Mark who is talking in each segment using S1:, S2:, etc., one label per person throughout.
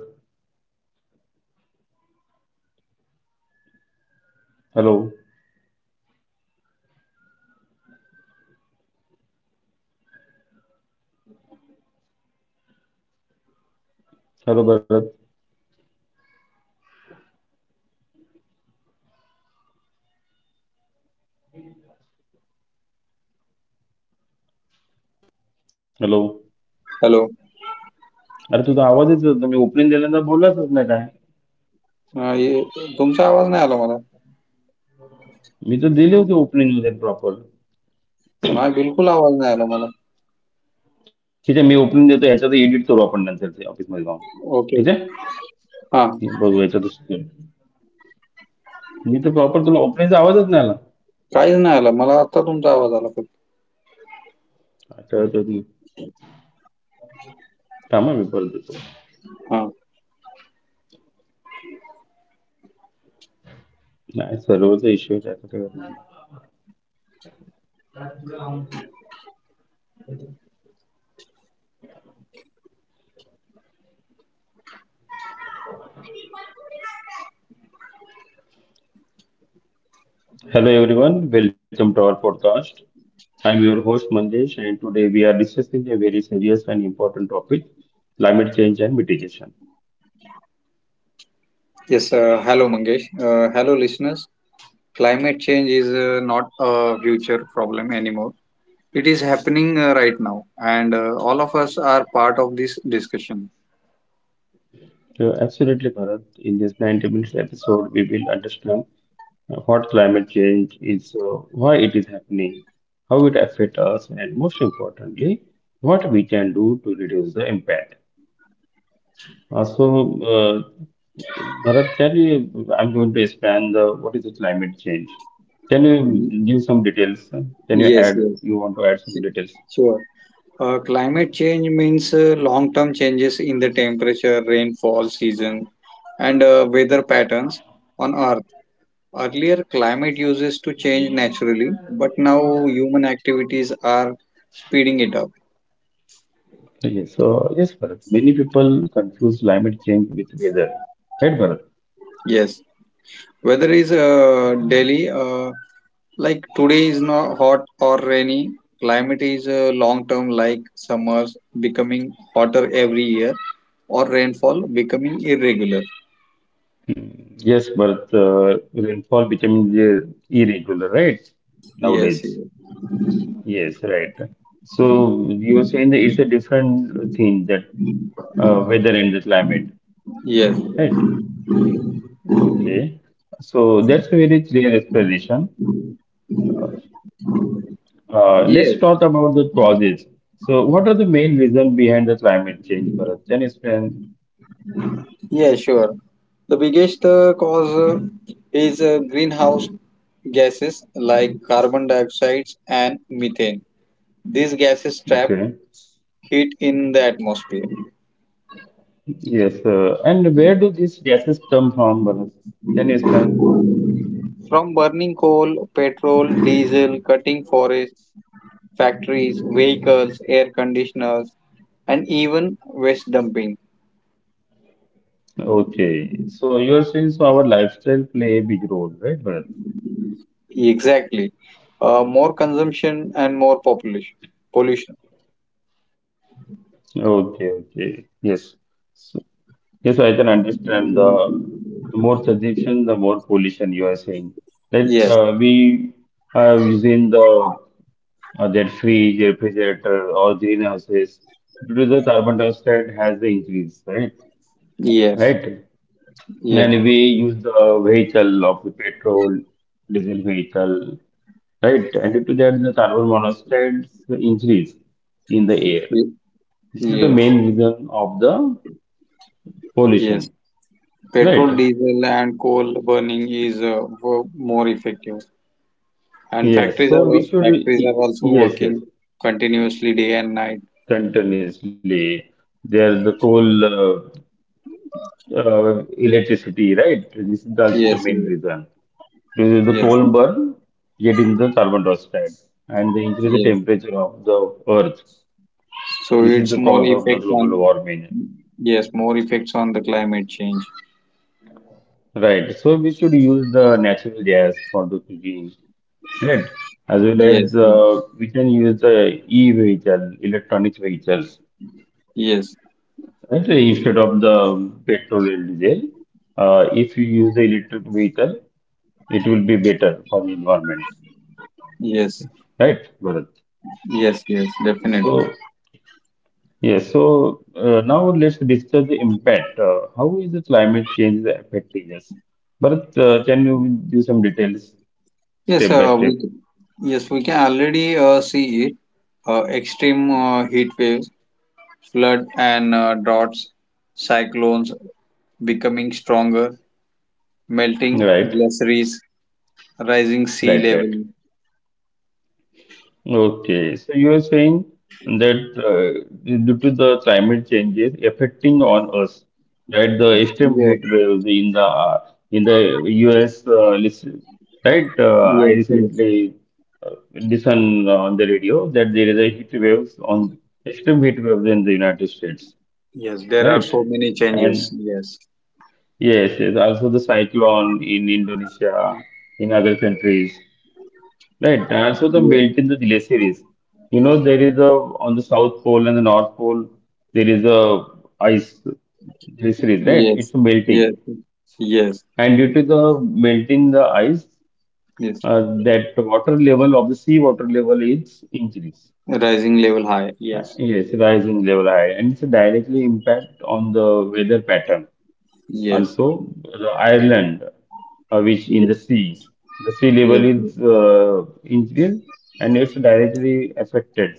S1: आपल
S2: हेलो।
S1: हाद को ओुटने element अबिए्स में
S2: आह ये, तुमसे आवाज नहीं आया लो मतलब।
S1: अगांनों उप्रूरी रोडऴें
S2: ना, बिल्कुल आवाज नहीं आया लो मतलब।
S1: आ अब � whose हां आवाद को दॉटने on ridge Hello Hello अन्येहिना
S2: ओके। हाँ। कैसे नहीं आया लो मतलब? तब तुमसे आवाज आ लो कुछ।
S1: हरू अ
S2: हाँ।
S1: Nice, there was the issue that I remember. Hello everyone, welcome to our podcast. I'm your host Manjesh, and today we are discussing a very serious and important topic, climate change and mitigation.
S2: Yes. Hello Mangesh. Hello listeners. Climate change is not a future problem any more. It is happening right now, and all of us are part of this this
S1: So absolutely, Bharat. In this 90 minutes episode, we will understand what climate change is, why it is happening, how it affects us, and most importantly, what we can do to reduce the impact. So, Bharat, can you, I'm going to expand the what is the climate change? Can you give some details? Can you add, you want to add some details?
S2: Climate change means long term changes in the temperature, rainfall, season, and weather patterns on Earth. Earlier, climate used to change naturally, but now human activities are speeding it up.
S1: Yes, so yes, Bharat. Many people confuse climate change with weather, right, Bharat?
S2: Yes, weather is daily, like today is not hot or rainy. Climate is long term, like summers becoming hotter every year or rainfall becoming irregular.
S1: Yes, Bharat, rainfall becoming irregular, right?
S2: Yes,
S1: Nowadays. Yes, right. So you were saying that it's a different thing that weather and the climate,
S2: yes,
S1: right? Okay, so that's a very clear explanation. Let's
S2: yes.
S1: talk about the causes. So, what are the main reasons behind the climate change, Bharat? Can you explain?
S2: Yeah, sure. The biggest cause is greenhouse gases like carbon dioxide and methane. These gases trap
S1: Okay,
S2: heat in the atmosphere.
S1: yes, and where do these gases come from, Bharat? Can you explain?
S2: From burning coal, petrol, diesel, cutting forests, factories, vehicles, air conditioners, and even waste dumping.
S1: Okay, so you're saying so our lifestyle play a big role, right, Bharat?
S2: Exactly. More consumption and more population. Pollution.
S1: Okay, okay, yes. So, yes, I can understand. The more suggestion, the more pollution you are saying. That
S2: Yes,
S1: we are using the their fridge, refrigerator, or greenhouses due to the carbon dioxide has the increase, right?
S2: yes,
S1: Right.
S2: yes,
S1: And we use the vehicle of the petrol, diesel vehicle, right? And due to that, the carbon monoxide increase in the air.
S2: y-
S1: This is the
S2: yes,
S1: main reason of the
S2: yes.
S1: pollution,
S2: Petrol,
S1: right?
S2: diesel, and coal burning is more effective, and
S1: Yes,
S2: factories are
S1: so we should,
S2: factories are also
S1: yes,
S2: working
S1: yes,
S2: continuously day and night.
S1: continuously. There's the coal, electricity, right? This is also the
S2: Yes,
S1: main
S2: yes,
S1: reason. Because the
S2: yes,
S1: coal burn, getting the carbon dioxide and they increase the
S2: yes.
S1: temperature of the earth.
S2: So
S1: This is
S2: it's
S1: the
S2: more
S1: cause of the
S2: effect
S1: global
S2: on,
S1: warming,
S2: yes, more effects on the climate change.
S1: right? So we should use the natural gas for the cooking, right? As well as
S2: Yes,
S1: we can use the e-vehicle, electronic vehicles
S2: yes,
S1: right? Instead of the petrol and diesel, if you use the electric vehicle, it will be better for the environment,
S2: yes,
S1: right, Bharat?
S2: yes, yes, definitely.
S1: So, yes, so now let's discuss the impact. How is the climate change affecting us? Bharat, can you give some details
S2: Yes,
S1: step by
S2: we
S1: step?
S2: yes, we can already see it. Extreme heat waves, flood and droughts, cyclones becoming stronger, melting
S1: Right,
S2: glaciers, rising sea
S1: right, right.
S2: level.
S1: Okay, so you are saying that due to the climate changes affecting on us, right? The extreme
S2: Yes,
S1: heat waves in the US, listen, right? I
S2: yes, yes.
S1: recently listened on the radio that there is a heat waves on extreme heat waves in the United States,
S2: Yes, there are
S1: right?
S2: so many changes.
S1: And
S2: Yes,
S1: yes, yes, also the cyclone in Indonesia, in other countries. Right, and also the
S2: yes,
S1: melt in the delay series. You know, there is a on the South Pole and the North Pole, there is a ice delay series, right?
S2: yes,
S1: It's a melting,
S2: yes, yes,
S1: and due to the melting the ice,
S2: yes.
S1: uh, that water level of the sea water level is increased.
S2: Rising level high. Yes,
S1: Yes, rising level high, and it's a directly impact on the weather pattern.
S2: yes,
S1: Also, the Ireland, which in
S2: yes,
S1: the sea level
S2: yes,
S1: is increased and it's directly affected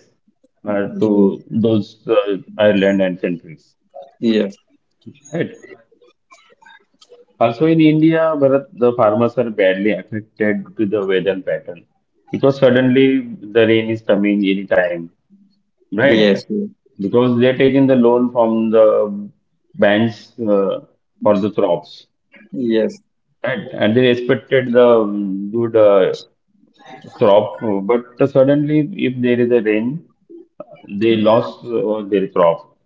S2: yes,
S1: to those Ireland and countries.
S2: yes, yes,
S1: Right. Also in India, Bharat, the farmers are badly affected to the weather pattern because suddenly the rain is coming any time,
S2: yes,
S1: right?
S2: yes,
S1: Because they're taking the loan from the banks for the crops.
S2: yes.
S1: And they expected the good crop, but suddenly if there is a rain, they lost their crop.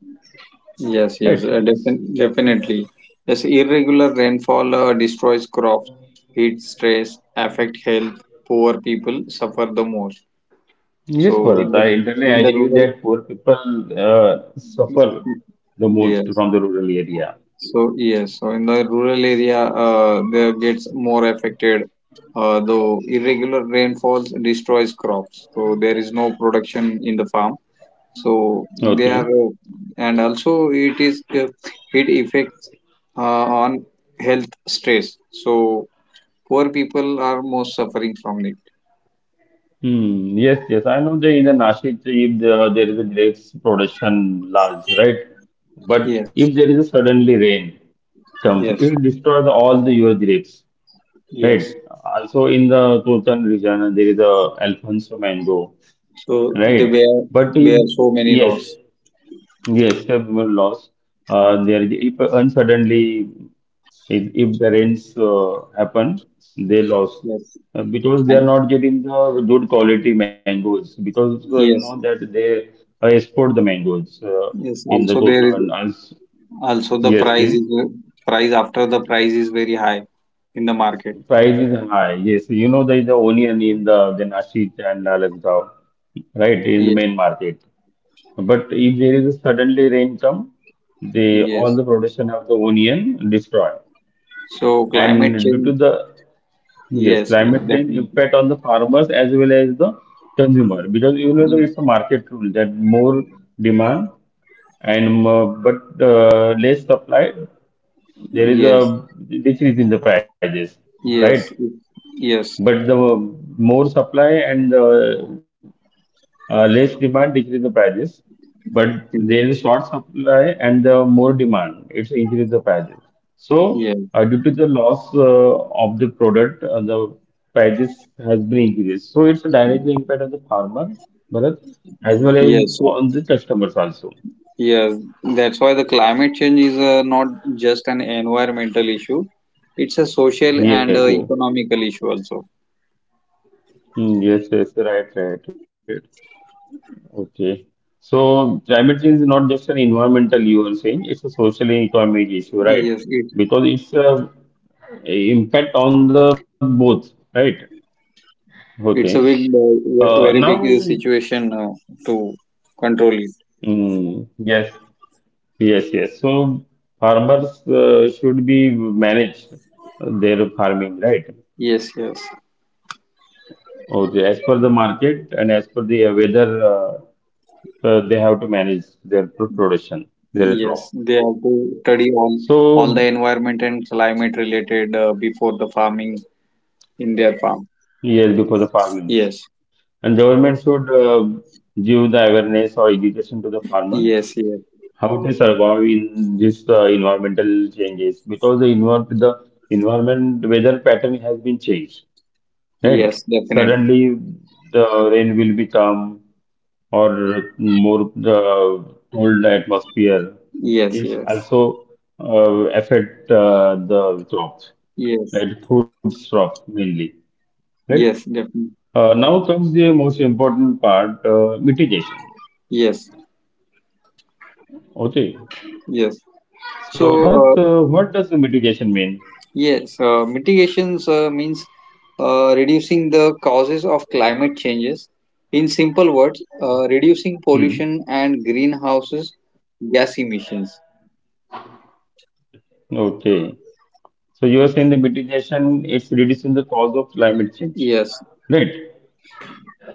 S2: Yes, yes,
S1: Right?
S2: definitely. Yes, irregular rainfall destroys crops, heat stress, affect health. Poor people suffer the most.
S1: Yes,
S2: So in
S1: Bharat,
S2: the
S1: I entirely
S2: in the
S1: agree
S2: rural,
S1: that poor people suffer the most
S2: yes.
S1: from the rural area.
S2: So yes, so in the rural area, they gets more affected. Though irregular rainfalls destroys crops, so there is no production in the farm. So they are,
S1: Okay.
S2: and also it is, it affects on health stress, so poor people are most suffering from it.
S1: Hmm. Yes, yes. I know that in the Nashik, if the, there is a grapes production large, right? But
S2: Yes,
S1: if there is a suddenly rain comes,
S2: yes,
S1: it destroys all the your grapes.
S2: yes.
S1: Right. Also in the Tultan region, there is a Alfonso mango,
S2: So they
S1: right?
S2: bear
S1: But if,
S2: bear so many
S1: yes,
S2: loss.
S1: yes, have loss. There is- if and suddenly if the rains happen, they lost
S2: Yes.
S1: because they
S2: And
S1: are not getting the good quality mangoes because you know
S2: yes,
S1: that they export the mangoes
S2: yes,
S1: in the
S2: also there is,
S1: Kotan. As
S2: also the
S1: yes,
S2: price is,
S1: please.
S2: price after, the price is very high in the market.
S1: Price is high. Yes, you know there is a onion in the Nashik and Alasdaw, right, in the
S2: Yes,
S1: main market. But if there is a suddenly rain come, they all
S2: yes.
S1: the production of the onion destroy.
S2: So climate
S1: And due to
S2: change.
S1: the yes
S2: Yes, yes,
S1: climate change
S2: definitely.
S1: impact on the farmers as well as the consumer because you know that it's a market rule that more demand and more, but less supply there is
S2: Yes.
S1: a decrease in the prices, right.
S2: Yes, yes,
S1: But the more supply and the less demand decrease the prices. But there is short supply and the more demand, it's increase the prices. So
S2: yeah,
S1: due to the loss of the product, the prices has been increased. So it's a direct impact on the farmer, Bharat, as well as
S2: yes. So,
S1: on the customers also.
S2: yes, that's why the climate change is not just an environmental issue; it's a social and
S1: Yes, yes,
S2: economical issue also.
S1: hmm, yes, yes, right, right, right. Okay. So climate change is not just an environmental, you are saying, it's a social and economic issue, right?
S2: Yes, it
S1: Because it's impact on the both, right?
S2: it's
S1: Okay.
S2: a big,
S1: Uh,
S2: very big
S1: now,
S2: situation to control it.
S1: yes, yes, yes. So farmers should be managed their farming, right?
S2: Yes, yes,
S1: Okay. As per the market and as per the weather, they have to manage their production, their
S2: yes.
S1: crop.
S2: They have to study all the
S1: So,
S2: environment and climate related before the farming in their farm.
S1: yes, because of farming.
S2: Yes,
S1: And government should give the awareness or education to the farmer
S2: yes, yes,
S1: how to survive in this environmental changes because the environment weather pattern has been changed.
S2: yes,
S1: Right?
S2: definitely.
S1: Suddenly the rain will become or more the cold atmosphere.
S2: Yes,
S1: It's
S2: yes.
S1: also affect the crops,
S2: Yes,
S1: right? Food crops mainly, right?
S2: yes, definitely.
S1: Now comes the most important part, mitigation.
S2: Yes,
S1: Okay. So,
S2: yes.
S1: Bharat, what
S2: So,
S1: does the
S2: uh,
S1: mitigation mean?
S2: yes, mitigations means reducing the causes of climate changes. In simple words,
S1: Hmm.
S2: reducing pollution and greenhouses gas emissions.
S1: Okay. So, you are saying the mitigation is reducing the cause of climate change,
S2: Yes.
S1: right?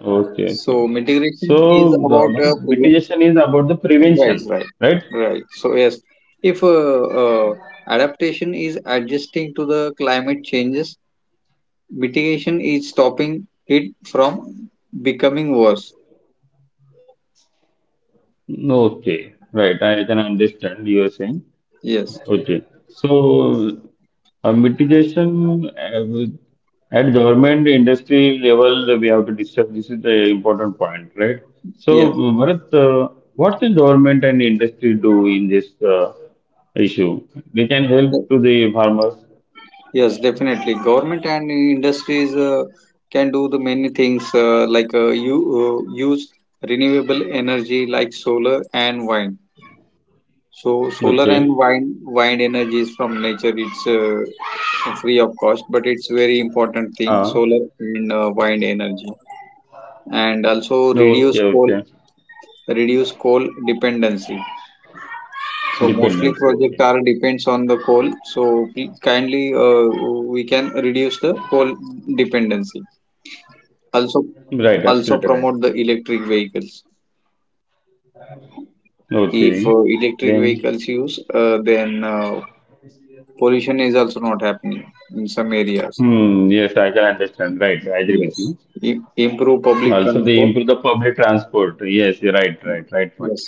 S1: Okay.
S2: So,
S1: Okay.
S2: mitigation
S1: So,
S2: is
S1: the
S2: about
S1: Bharat,
S2: prevent.
S1: mitigation is about the
S2: Right,
S1: prevention,
S2: right,
S1: right?
S2: right. So, yes, if uh, adaptation is adjusting to the climate changes, mitigation is stopping it from becoming worse.
S1: Okay. Right. I can understand you are saying.
S2: Yes,
S1: Okay. So, mitigation uh, with- at government industry level, we have to discuss. This is the important point, right? So,
S2: yes,
S1: Bharat, what can government and industry do in this uh, issue? They can help to the farmers.
S2: yes, definitely, government and industries can do the many things like you use renewable energy like solar and wind. So solar and
S1: Okay.
S2: wind energy is from nature. It's free of cost, but it's very important thing, solar
S1: Uh,
S2: and wind energy. And also
S1: okay, okay.
S2: reduce coal dependency. So mostly
S1: Dependence.
S2: project are
S1: Okay.
S2: depends on the coal. So please kindly, we can reduce the coal dependency. Also
S1: Right. Absolutely
S2: also
S1: right.
S2: promote the electric vehicles.
S1: Okay.
S2: If electric
S1: Then,
S2: vehicles use, then pollution is also not happening in some areas.
S1: hmm, yes, I can understand. Right. I agree with
S2: Yes.
S1: you.
S2: I- Improve public
S1: Also, they
S2: transport.
S1: improve the public transport. Yes, you're right, right, right point.
S2: Yes,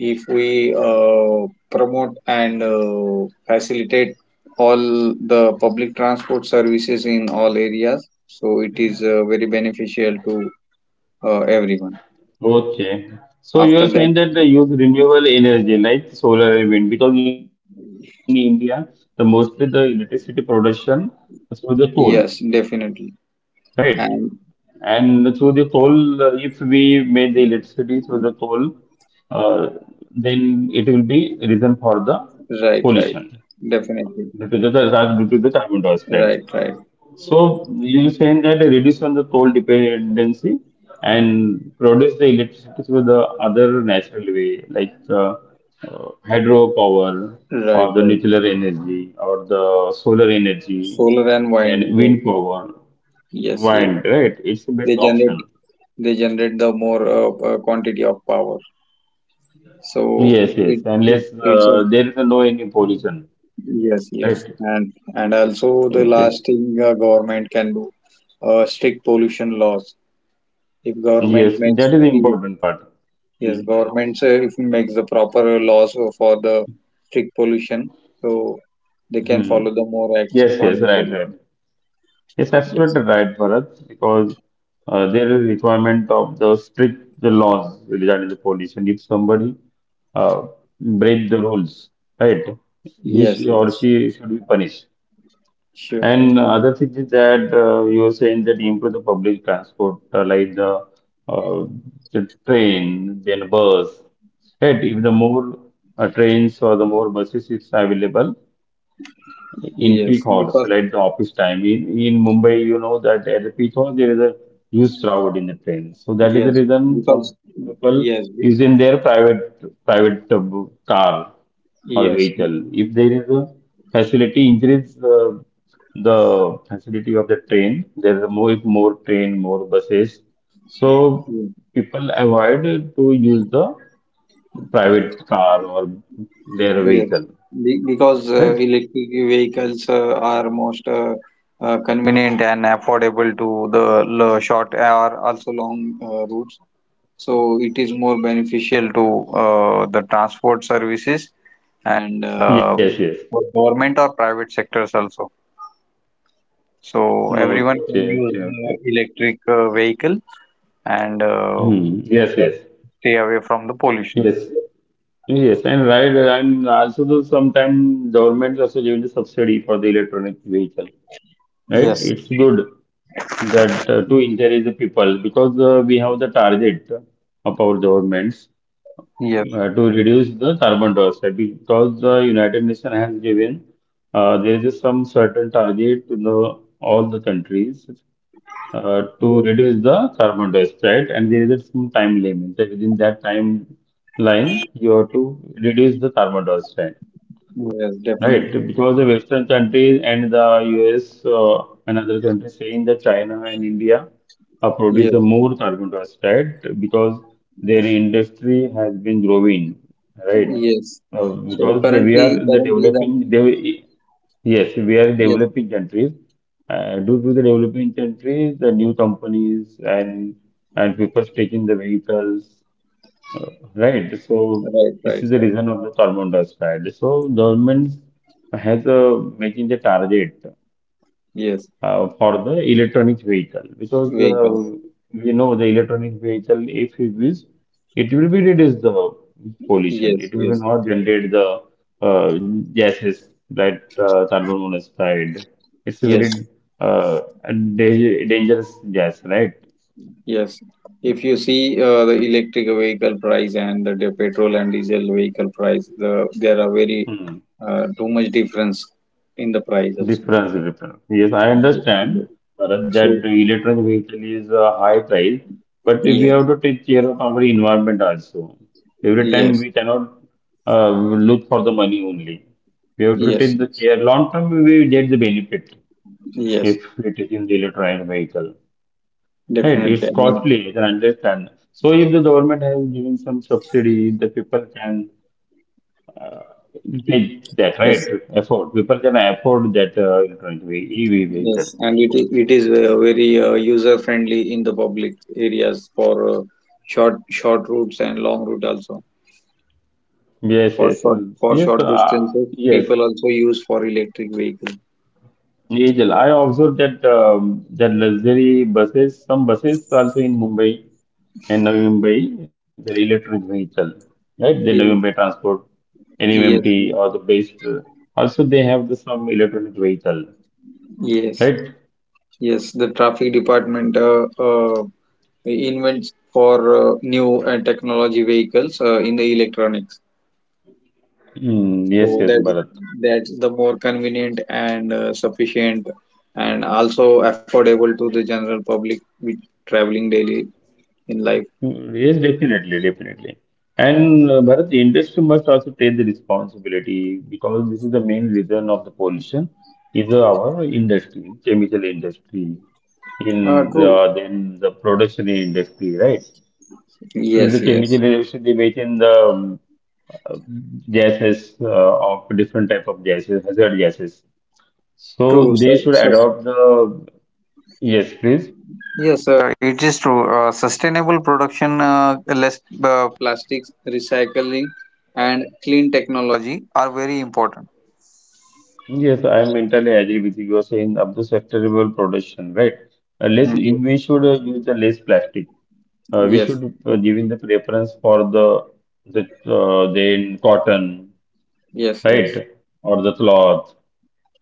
S2: if we promote and facilitate all the public transport services in all areas, so it is very beneficial to everyone.
S1: Okay. So you are
S2: After that,
S1: saying that they use renewable energy like solar and wind because in India, the mostly the electricity production is through the coal,
S2: yes,
S1: right?
S2: definitely.
S1: And
S2: And
S1: through the coal, if we make the electricity through the coal, uh, then it will be reason for the
S2: right,
S1: pollution
S2: right,
S1: due
S2: definitely.
S1: to due to the carbon dioxide.
S2: Right, right,
S1: So you saying that reduce on the coal dependency and produce the electricity through the other natural way, like hydropower
S2: right,
S1: or the
S2: right.
S1: nuclear energy or the solar energy
S2: Solar and wind,
S1: and
S2: yes,
S1: wind power,
S2: yes, yes.
S1: wind, right? It's the best
S2: They generate,
S1: option.
S2: they generate the more quantity of power. So
S1: Yes, yes.
S2: it it
S1: Unless
S2: it's a.
S1: there is a no any pollution,
S2: Yes, yes,
S1: right?
S2: and also the last
S1: Okay.
S2: thing government can do, strict pollution laws. If government
S1: Yes,
S2: makes
S1: that is the
S2: if-
S1: important part.
S2: Yes,
S1: Hmm.
S2: government, if makes the proper laws for the strict pollution, so they can
S1: Hmm.
S2: follow the more acts
S1: Yes,
S2: on
S1: yes,
S2: the
S1: right, right.
S2: pollution.
S1: Yes,
S2: Yes,
S1: absolutely right, Bharat, because there is requirement of the strict the laws regarding the police, and if somebody uh, break the rules, right, he sh
S2: yes,
S1: or
S2: yes,
S1: she should be punished.
S2: sure,
S1: And other thing is that you are saying that improve the public transport, like uh, the train, then bus, right? If the more trains or the more buses is available, in peak
S2: yes,
S1: hours,
S2: because,
S1: like the office time. In Mumbai, you know that at the peak hours there is a huge crowd in the train. So that is the
S2: yes,
S1: reason some
S2: because,
S1: people is
S2: yes,
S1: in their private car or
S2: yes,
S1: vehicle. If there is a facility, increase the facility of the train. There is more train, more buses. So
S2: yes.
S1: people avoid to use the private car or their
S2: Yes,
S1: vehicle,
S2: because
S1: right?
S2: electric vehicles are most convenient and affordable to the short or also long routes. So it is more beneficial to the transport services and
S1: Yes, yes.
S2: for government or private sectors also. So everyone
S1: Okay,
S2: can
S1: okay,
S2: use
S1: okay.
S2: electric vehicle and
S1: Hmm. Yes,
S2: uh,
S1: yes,
S2: stay away from the pollution.
S1: yes, yes. And right, and also the sometimes government also giving the subsidy for the electronic vehicle, right?
S2: Yes.
S1: It's good that to encourage the people because we have the target of our governments
S2: Yes.
S1: to reduce the carbon dioxide because the United Nations has given there is some certain target to the all the countries to
S2: Yes,
S1: reduce the carbon dioxide and there is some time limit. So within that time line, you have to reduce the carbon dioxide.
S2: yes,
S1: Right,
S2: definitely.
S1: because the Western countries and the US and other countries saying that China and India produce the
S2: Yes,
S1: more carbon dioxide because their industry has been growing, right?
S2: yes. So
S1: We
S2: currently,
S1: are the
S2: the,
S1: developing, de yes, we are
S2: yes,
S1: developing countries. Due to the developing countries, the new companies and people taking the vehicles Right. So
S2: right,
S1: this
S2: right,
S1: is the
S2: right.
S1: reason of the carbon dioxide. So governments has making the target
S2: Yes,
S1: for the electronic vehicle because
S2: vehicle.
S1: we know the electronic vehicle, if it is, it will be reduce the pollution.
S2: Yes,
S1: It will be
S2: yes,
S1: not generate the uh, gases that carbon monoxide. It's a
S2: yes,
S1: very uh, dangerous gas, right?
S2: yes. If you see the electric vehicle price and the petrol and diesel vehicle price, there are very too much difference in the price also.
S1: Difference, difference. Yes, I
S2: Ye-
S1: understand,
S2: ye-
S1: Bharat,
S2: So,
S1: that the electronic vehicle is a high price, but we have
S2: yes,
S1: to take care of our environment also. Every time
S2: yes,
S1: we cannot look for the money only. We have to take
S2: yes,
S1: the care. Long term, we will get the benefit
S2: yes,
S1: if we take in the electronic vehicle. Right?
S2: definitely.
S1: It's
S2: I mean,
S1: costly, I can understand. So if the government has given some subsidy, the people can take that, right?
S2: yes.
S1: Afford. People can afford that electronic EV
S2: Yes,
S1: vehicle.
S2: and it is very user friendly in the public areas for short routes and long route also.
S1: Yes,
S2: For
S1: yes,
S2: short for
S1: yes,
S2: short distances,
S1: yes.
S2: people also use for electric vehicle.
S1: Angel, I observed that that luxury buses, some buses also in Mumbai and Navi Mumbai, the electric vehicle, right? The Navi Mumbai
S2: Yes,
S1: transport,
S2: yes,
S1: NMMT or the best. Also, they have the some electronic vehicle,
S2: yes,
S1: right?
S2: yes. The traffic department invents for new technology vehicles in the electronics.
S1: Mm,
S2: So
S1: yes, yes,
S2: that's
S1: Bharat.
S2: that's the more convenient and sufficient and also affordable to the general public with traveling daily in life.
S1: Mm, yes, definitely, definitely. And Bharat, the industry must also take the responsibility because this is the main reason of the pollution is our industry, chemical industry, in
S2: True.
S1: the, then the production industry, right? In the
S2: Yes, yes.
S1: chemical industry, they make in the uh, gases of different type of gases, hazard gases.
S2: True.
S1: So
S2: So,
S1: they should
S2: sus
S1: adopt the, yes, please.
S2: yes, it is true. Sustainable production, less plastics, recycling, and clean technology are very important.
S1: Yes, I am entirely agree with you. You are saying up to sustainable production, right? Less,
S2: Mm.
S1: we should use the less plastic. We
S2: Yes,
S1: should
S2: yes,
S1: giving the preference for the then cotton,
S2: yes, yes,
S1: right, or the cloth,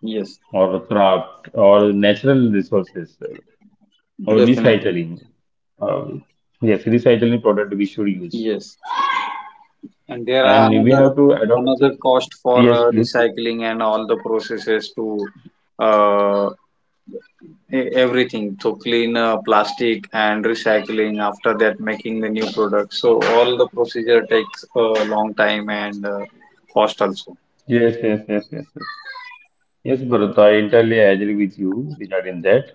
S2: yes,
S1: or the craft, or natural resources, or recycling.
S2: definitely.
S1: Uh, yes, recycling product we should use,
S2: Yes. And there
S1: and we
S2: are
S1: have to
S2: another
S1: adopt. The,
S2: another cost
S1: yes,
S2: for
S1: please.
S2: recycling and all the processes to uh, everything to clean plastic and recycling, after that making the new product. So all the procedure takes a long time and cost also.
S1: Yes, yes, yes, yes, yes. Yes, Bharat, I entirely agree with you regarding that.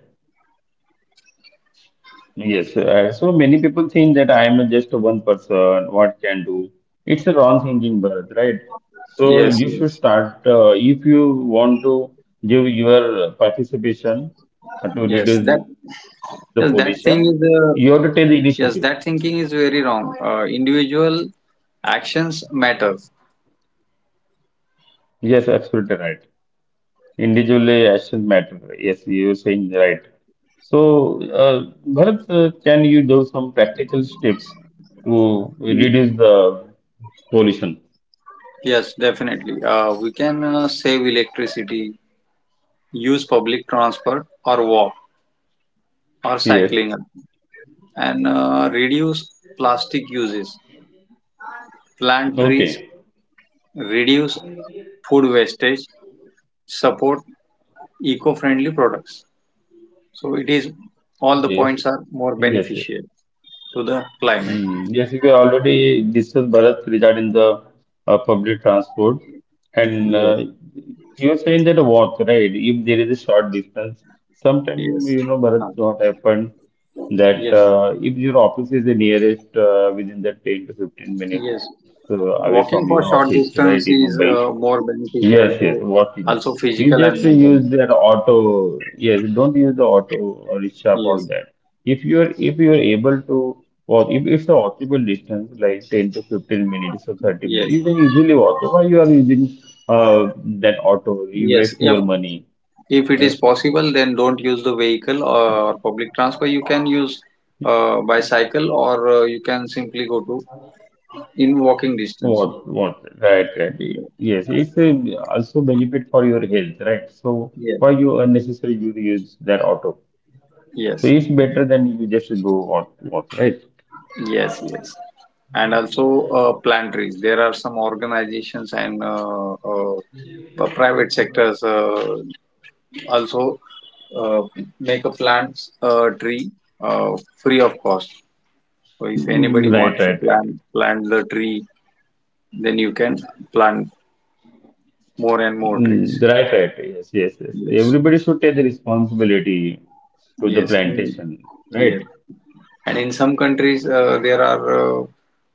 S1: Yes, so many people think that I am just one person, what can do? It's a wrong thinking, Bharat, right? So
S2: Yes,
S1: you should
S2: yes,
S1: start, if you want to give your participation to
S2: yes.
S1: reduce
S2: That
S1: the pollution,
S2: yes,
S1: you have
S2: that
S1: to
S2: thing
S1: take
S2: is,
S1: the initiative.
S2: yes, that thinking is very wrong. Individual actions matter.
S1: Yes, absolutely right. Individually, actions matter. Yes, you're saying right. So, Bharat, can you do some practical steps to reduce the pollution?
S2: Yes, definitely. We can save electricity, use public transport or walk or
S1: Yes.
S2: cycling, and reduce plastic uses, plant trees,
S1: Okay.
S2: reduce food wastage, support eco-friendly products. So it is, all the
S1: Yes.
S2: points are more
S1: Yes. Yes.
S2: beneficial to the climate.
S1: Mm, yes, we already discussed, Bharat, regarding the public transport, and
S2: Yes,
S1: you were saying that walk, right? If there is a short distance, sometimes
S2: yes,
S1: you know, Bharat,
S2: uh,
S1: what happened that
S2: yes,
S1: if your office is the nearest within the 10 to 15 minutes
S2: yes.
S1: away from your
S2: Walking for
S1: office,
S2: short
S1: right, in
S2: distance is
S1: Mumbai,
S2: more beneficial
S1: yes, yes,
S2: to also
S1: walk-ins. You
S2: physical and
S1: just
S2: mental.
S1: use their auto. Yes, don't use the auto or rickshaw for
S2: Yes,
S1: that. If you're able to walk, if it's a walkable distance like 10 to 15 minutes or 30
S2: yes,
S1: minutes, you can easily walk. So why you are using uh that auto? You
S2: yes.
S1: waste your
S2: Of
S1: money.
S2: If it
S1: Uh,
S2: is possible, then don't use the vehicle or public transport. You can use bicycle or you can simply go to in walking distance.
S1: What what? Right, right. Yes, it's a, also benefit for your health, right? So
S2: Yeah.
S1: why you unnecessary you use that auto?
S2: Yes.
S1: So it's better than you just go walk, walk, right?
S2: Yes. Yes. And also plant trees. There are some organizations and the private sectors also uh, make a plant tree uh, free of cost. So if
S1: Mm,
S2: anybody
S1: right,
S2: wants to
S1: right, right.
S2: plant the tree, then you can plant more and more trees.
S1: Mm, right, right. Yes, yes, yes.
S2: Yes,
S1: Everybody should take the responsibility to the
S2: yes, mm,
S1: plantation, right?
S2: yes. And in some countries, there are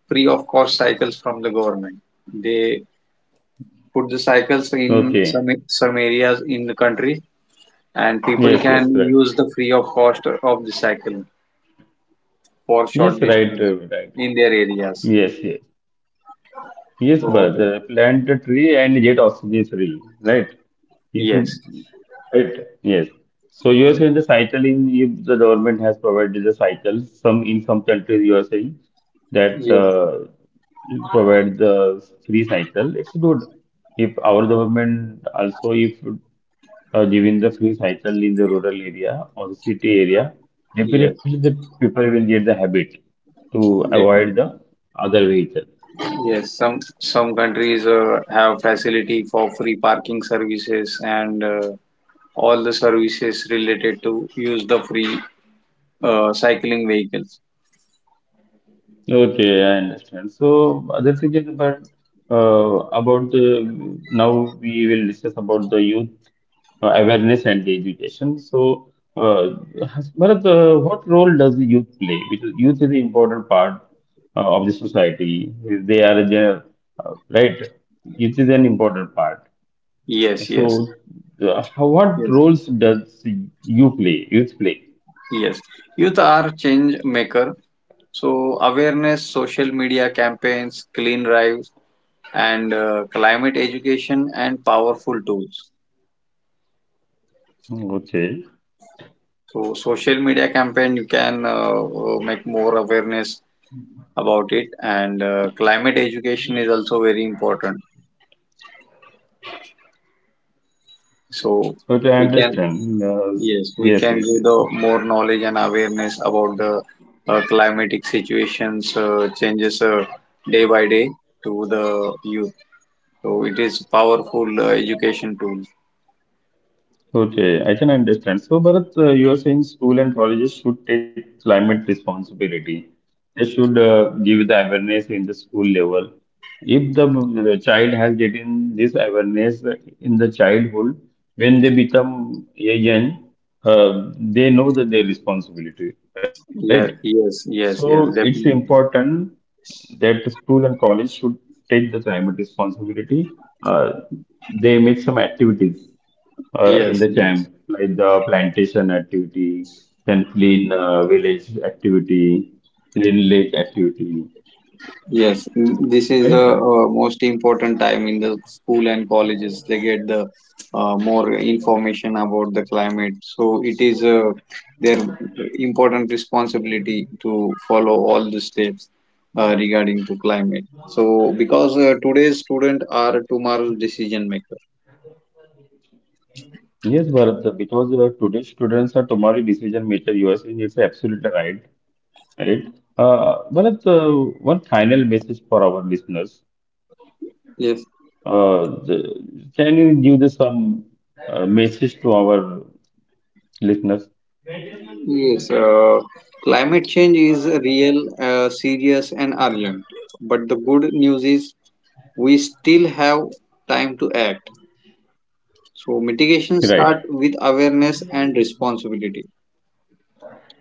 S2: free of cost cycles from the government. They put the cycles in
S1: Okay.
S2: some areas in the country, and people
S1: Yes,
S2: can
S1: yes, right.
S2: use the free of cost of the cycle for short
S1: Yes, right,
S2: distance
S1: right.
S2: in their areas.
S1: Yes, yes. Yes, but
S2: So
S1: plant a tree and get oxygen free, right? If you,
S2: yes,
S1: right, yes. So you are saying the cycle in, if the government has provided the cycle, some in some countries you are saying that
S2: yes,
S1: it provide the free cycle. It's good if our government also, if giving the free cycle in the rural area or the city area,
S2: yes,
S1: definitely the people will get the habit to avoid
S2: definitely.
S1: the other vehicle.
S2: Yes, some countries have facility for free parking services and. All the services related to use the free cycling vehicles.
S1: Okay, I understand. So, other thing is about the, now we will discuss about the youth awareness and the education. So, uh, Bharat, what role does the youth play? Because youth is an important part of the society. They are the right. Youth is an important part.
S2: Yes,
S1: So,
S2: yes,
S1: what
S2: yes,
S1: roles does you play? Youth play.
S2: yes. Youth are change maker. So awareness, social media campaigns, clean drives, and climate education and powerful tools.
S1: Okay.
S2: So social media campaign, you can make more awareness about it, and climate education is also very important. So
S1: Okay, I
S2: we can
S1: understand.
S2: Yes, we
S1: Yes,
S2: can
S1: yes,
S2: give
S1: yes.
S2: the more knowledge and awareness about the climatic situations changes day by day to the youth. So it is powerful education tool.
S1: Okay, I can understand. So, Bharat, you are saying school and colleges should take climate responsibility. They should give the awareness in the school level. If the, the child has gotten this awareness in the childhood, when they become a young, they know that their responsibility, right?
S2: Yeah, yes,
S1: So
S2: yes,
S1: it's
S2: yes, definitely.
S1: important that the school and college should take the climate responsibility. Uh, they make some activities in
S2: Yes,
S1: the
S2: yes.
S1: camp, like the plantation activity, then clean village activity, clean lake activity,
S2: Yes, this is the
S1: right?
S2: most important time in the school and colleges. They get the more information about the climate. So it is their important responsibility to follow all the steps regarding to climate. So because today's student are tomorrow's decision maker.
S1: Yes, Bharat, because today students are tomorrow decision maker, you are saying it's absolutely right, right? Bharat, one final message for our listeners.
S2: Yes,
S1: Can you give this some message to our listeners?
S2: yes. Climate change is real, serious, and urgent. But the good news is we still have time to act. So mitigation
S1: Right,
S2: start with awareness and responsibility.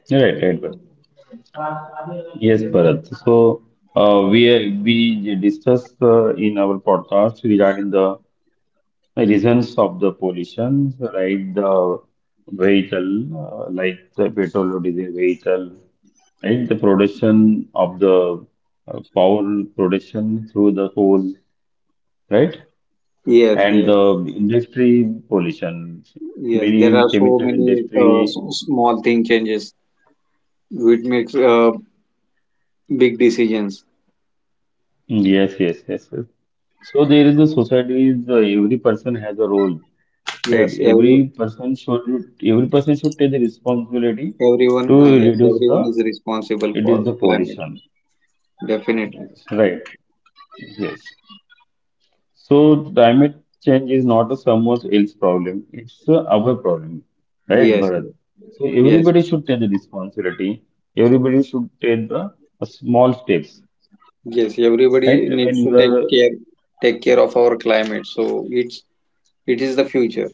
S1: right, right. Bharat. Yes, Bharat. So we discussed in our podcast regarding the reasons of the pollution, right? The vehicle, like the petrol or diesel vehicle, right? The production of the power production through the coal, right?
S2: Yes,
S1: And
S2: yes,
S1: the industry pollution,
S2: yes. There
S1: many
S2: are so
S1: chemical
S2: many
S1: industry.
S2: small thing changes which makes big decisions.
S1: Yes, yes, yes, yes. So there is a society. Is, every person has a role, right?
S2: Yes,
S1: Every person should take the responsibility
S2: everyone.
S1: to
S2: Yes,
S1: reduce the,
S2: everyone is responsible
S1: it
S2: for
S1: is the
S2: climate change.
S1: pollution,
S2: Definitely.
S1: right? Yes. So climate change is not a someone else's problem. It's our problem, right,
S2: Yes,
S1: Bharat? So
S2: yes,
S1: everybody should take the responsibility. Everybody should take the small steps,
S2: yes. Everybody
S1: right? When
S2: needs to
S1: you
S2: take
S1: are,
S2: care take care of our climate. So it is the future.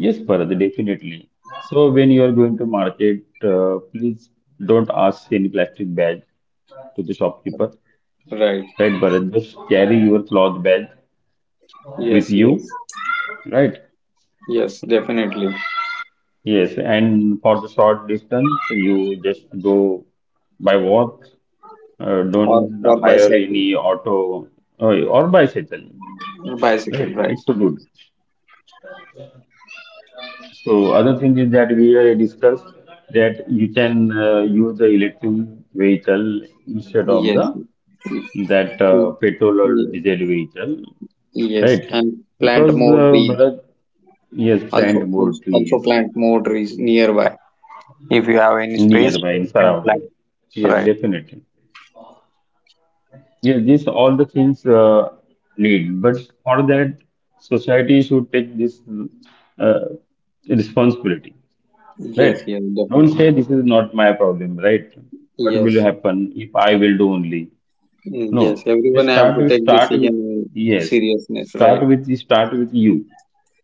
S1: yes, Bharat, definitely. So when you are going to market, please don't ask any plastic bag to the shopkeeper,
S2: Right.
S1: right, Bharat? Just carry your cloth bag with
S2: Yes, yes,
S1: you, right?
S2: yes. Definitely.
S1: Yes, and for the short distance, you just go by walk.
S2: Or
S1: Don't
S2: or
S1: hire
S2: bicycle.
S1: any auto or bicycle. Right?
S2: Bicycle, right?
S1: It's so good. So other thing is that we discussed that you can use the electric vehicle instead of
S2: Yes.
S1: the that
S2: Y-
S1: petrol or
S2: y-
S1: diesel vehicle,
S2: Yes,
S1: right?
S2: and plant
S1: Because
S2: more trees.
S1: Bharat, yes, plant more
S2: Also
S1: trees
S2: plant more trees nearby. If you have any space,
S1: nearby and
S2: you can plant.
S1: surrounding. Yes,
S2: Right.
S1: definitely. Yeah, these all the things need, but for that, society should take this uh, responsibility, right?
S2: Yes, yes,
S1: Don't
S2: definitely.
S1: say this is not my problem, right? What will
S2: Yes,
S1: happen if I will do only?
S2: mm,
S1: No,
S2: yes.
S1: just
S2: Everyone have
S1: start
S2: to
S1: with
S2: take
S1: start with,
S2: decision in
S1: yes,
S2: seriousness, right?
S1: start with you,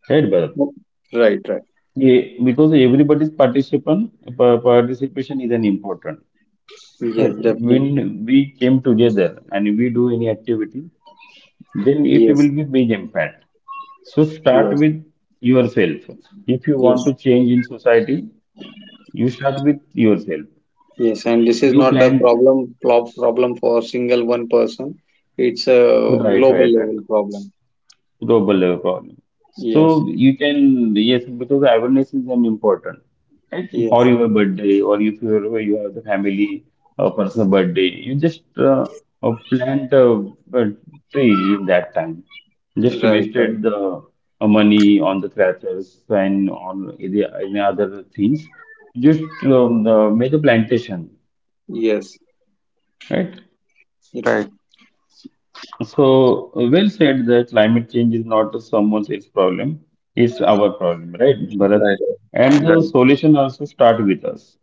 S1: right, Bharat?
S2: No, right, right.
S1: Yeah, because everybody's participation is an important.
S2: Yes,
S1: Right.
S2: definitely.
S1: When we came together and we do any activity, then it
S2: Yes,
S1: will be big impact. So start
S2: yes,
S1: with yourself. If you want
S2: yes,
S1: to change in society, you start with yourself.
S2: yes. And this is
S1: You
S2: not the
S1: plant
S2: problem, problem for single one person. It's a
S1: the right,
S2: global
S1: right.
S2: level problem.
S1: Global level problem. So
S2: Yes.
S1: you can, yes, because awareness is an important. Right? For
S2: Yes.
S1: your birthday, or if you you have the family personal birthday, you just plant a tree in that time. Just
S2: Right. Right.
S1: wasted the money on the crackers and on any other things. Just make a plantation,
S2: Yes.
S1: right?
S2: It's Right,
S1: So, well said that climate change is not someone else's problem, it's our problem, right, Bharat?
S2: right,
S1: And the
S2: right.
S1: solution also start with us.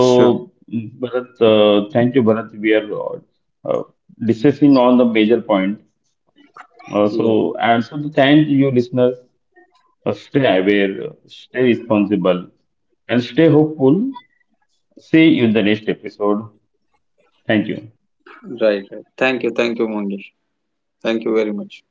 S2: Sure.
S1: mm, Bharat, thank you, Bharat. We are uh, discussing on the major point.
S2: Yeah.
S1: So, and so the thank you, listeners. Stay aware, stay responsible, and stay hopeful. See you in the next episode. Thank you.
S2: Right. Right. Thank you. Thank you, Mangesh. Thank you very much.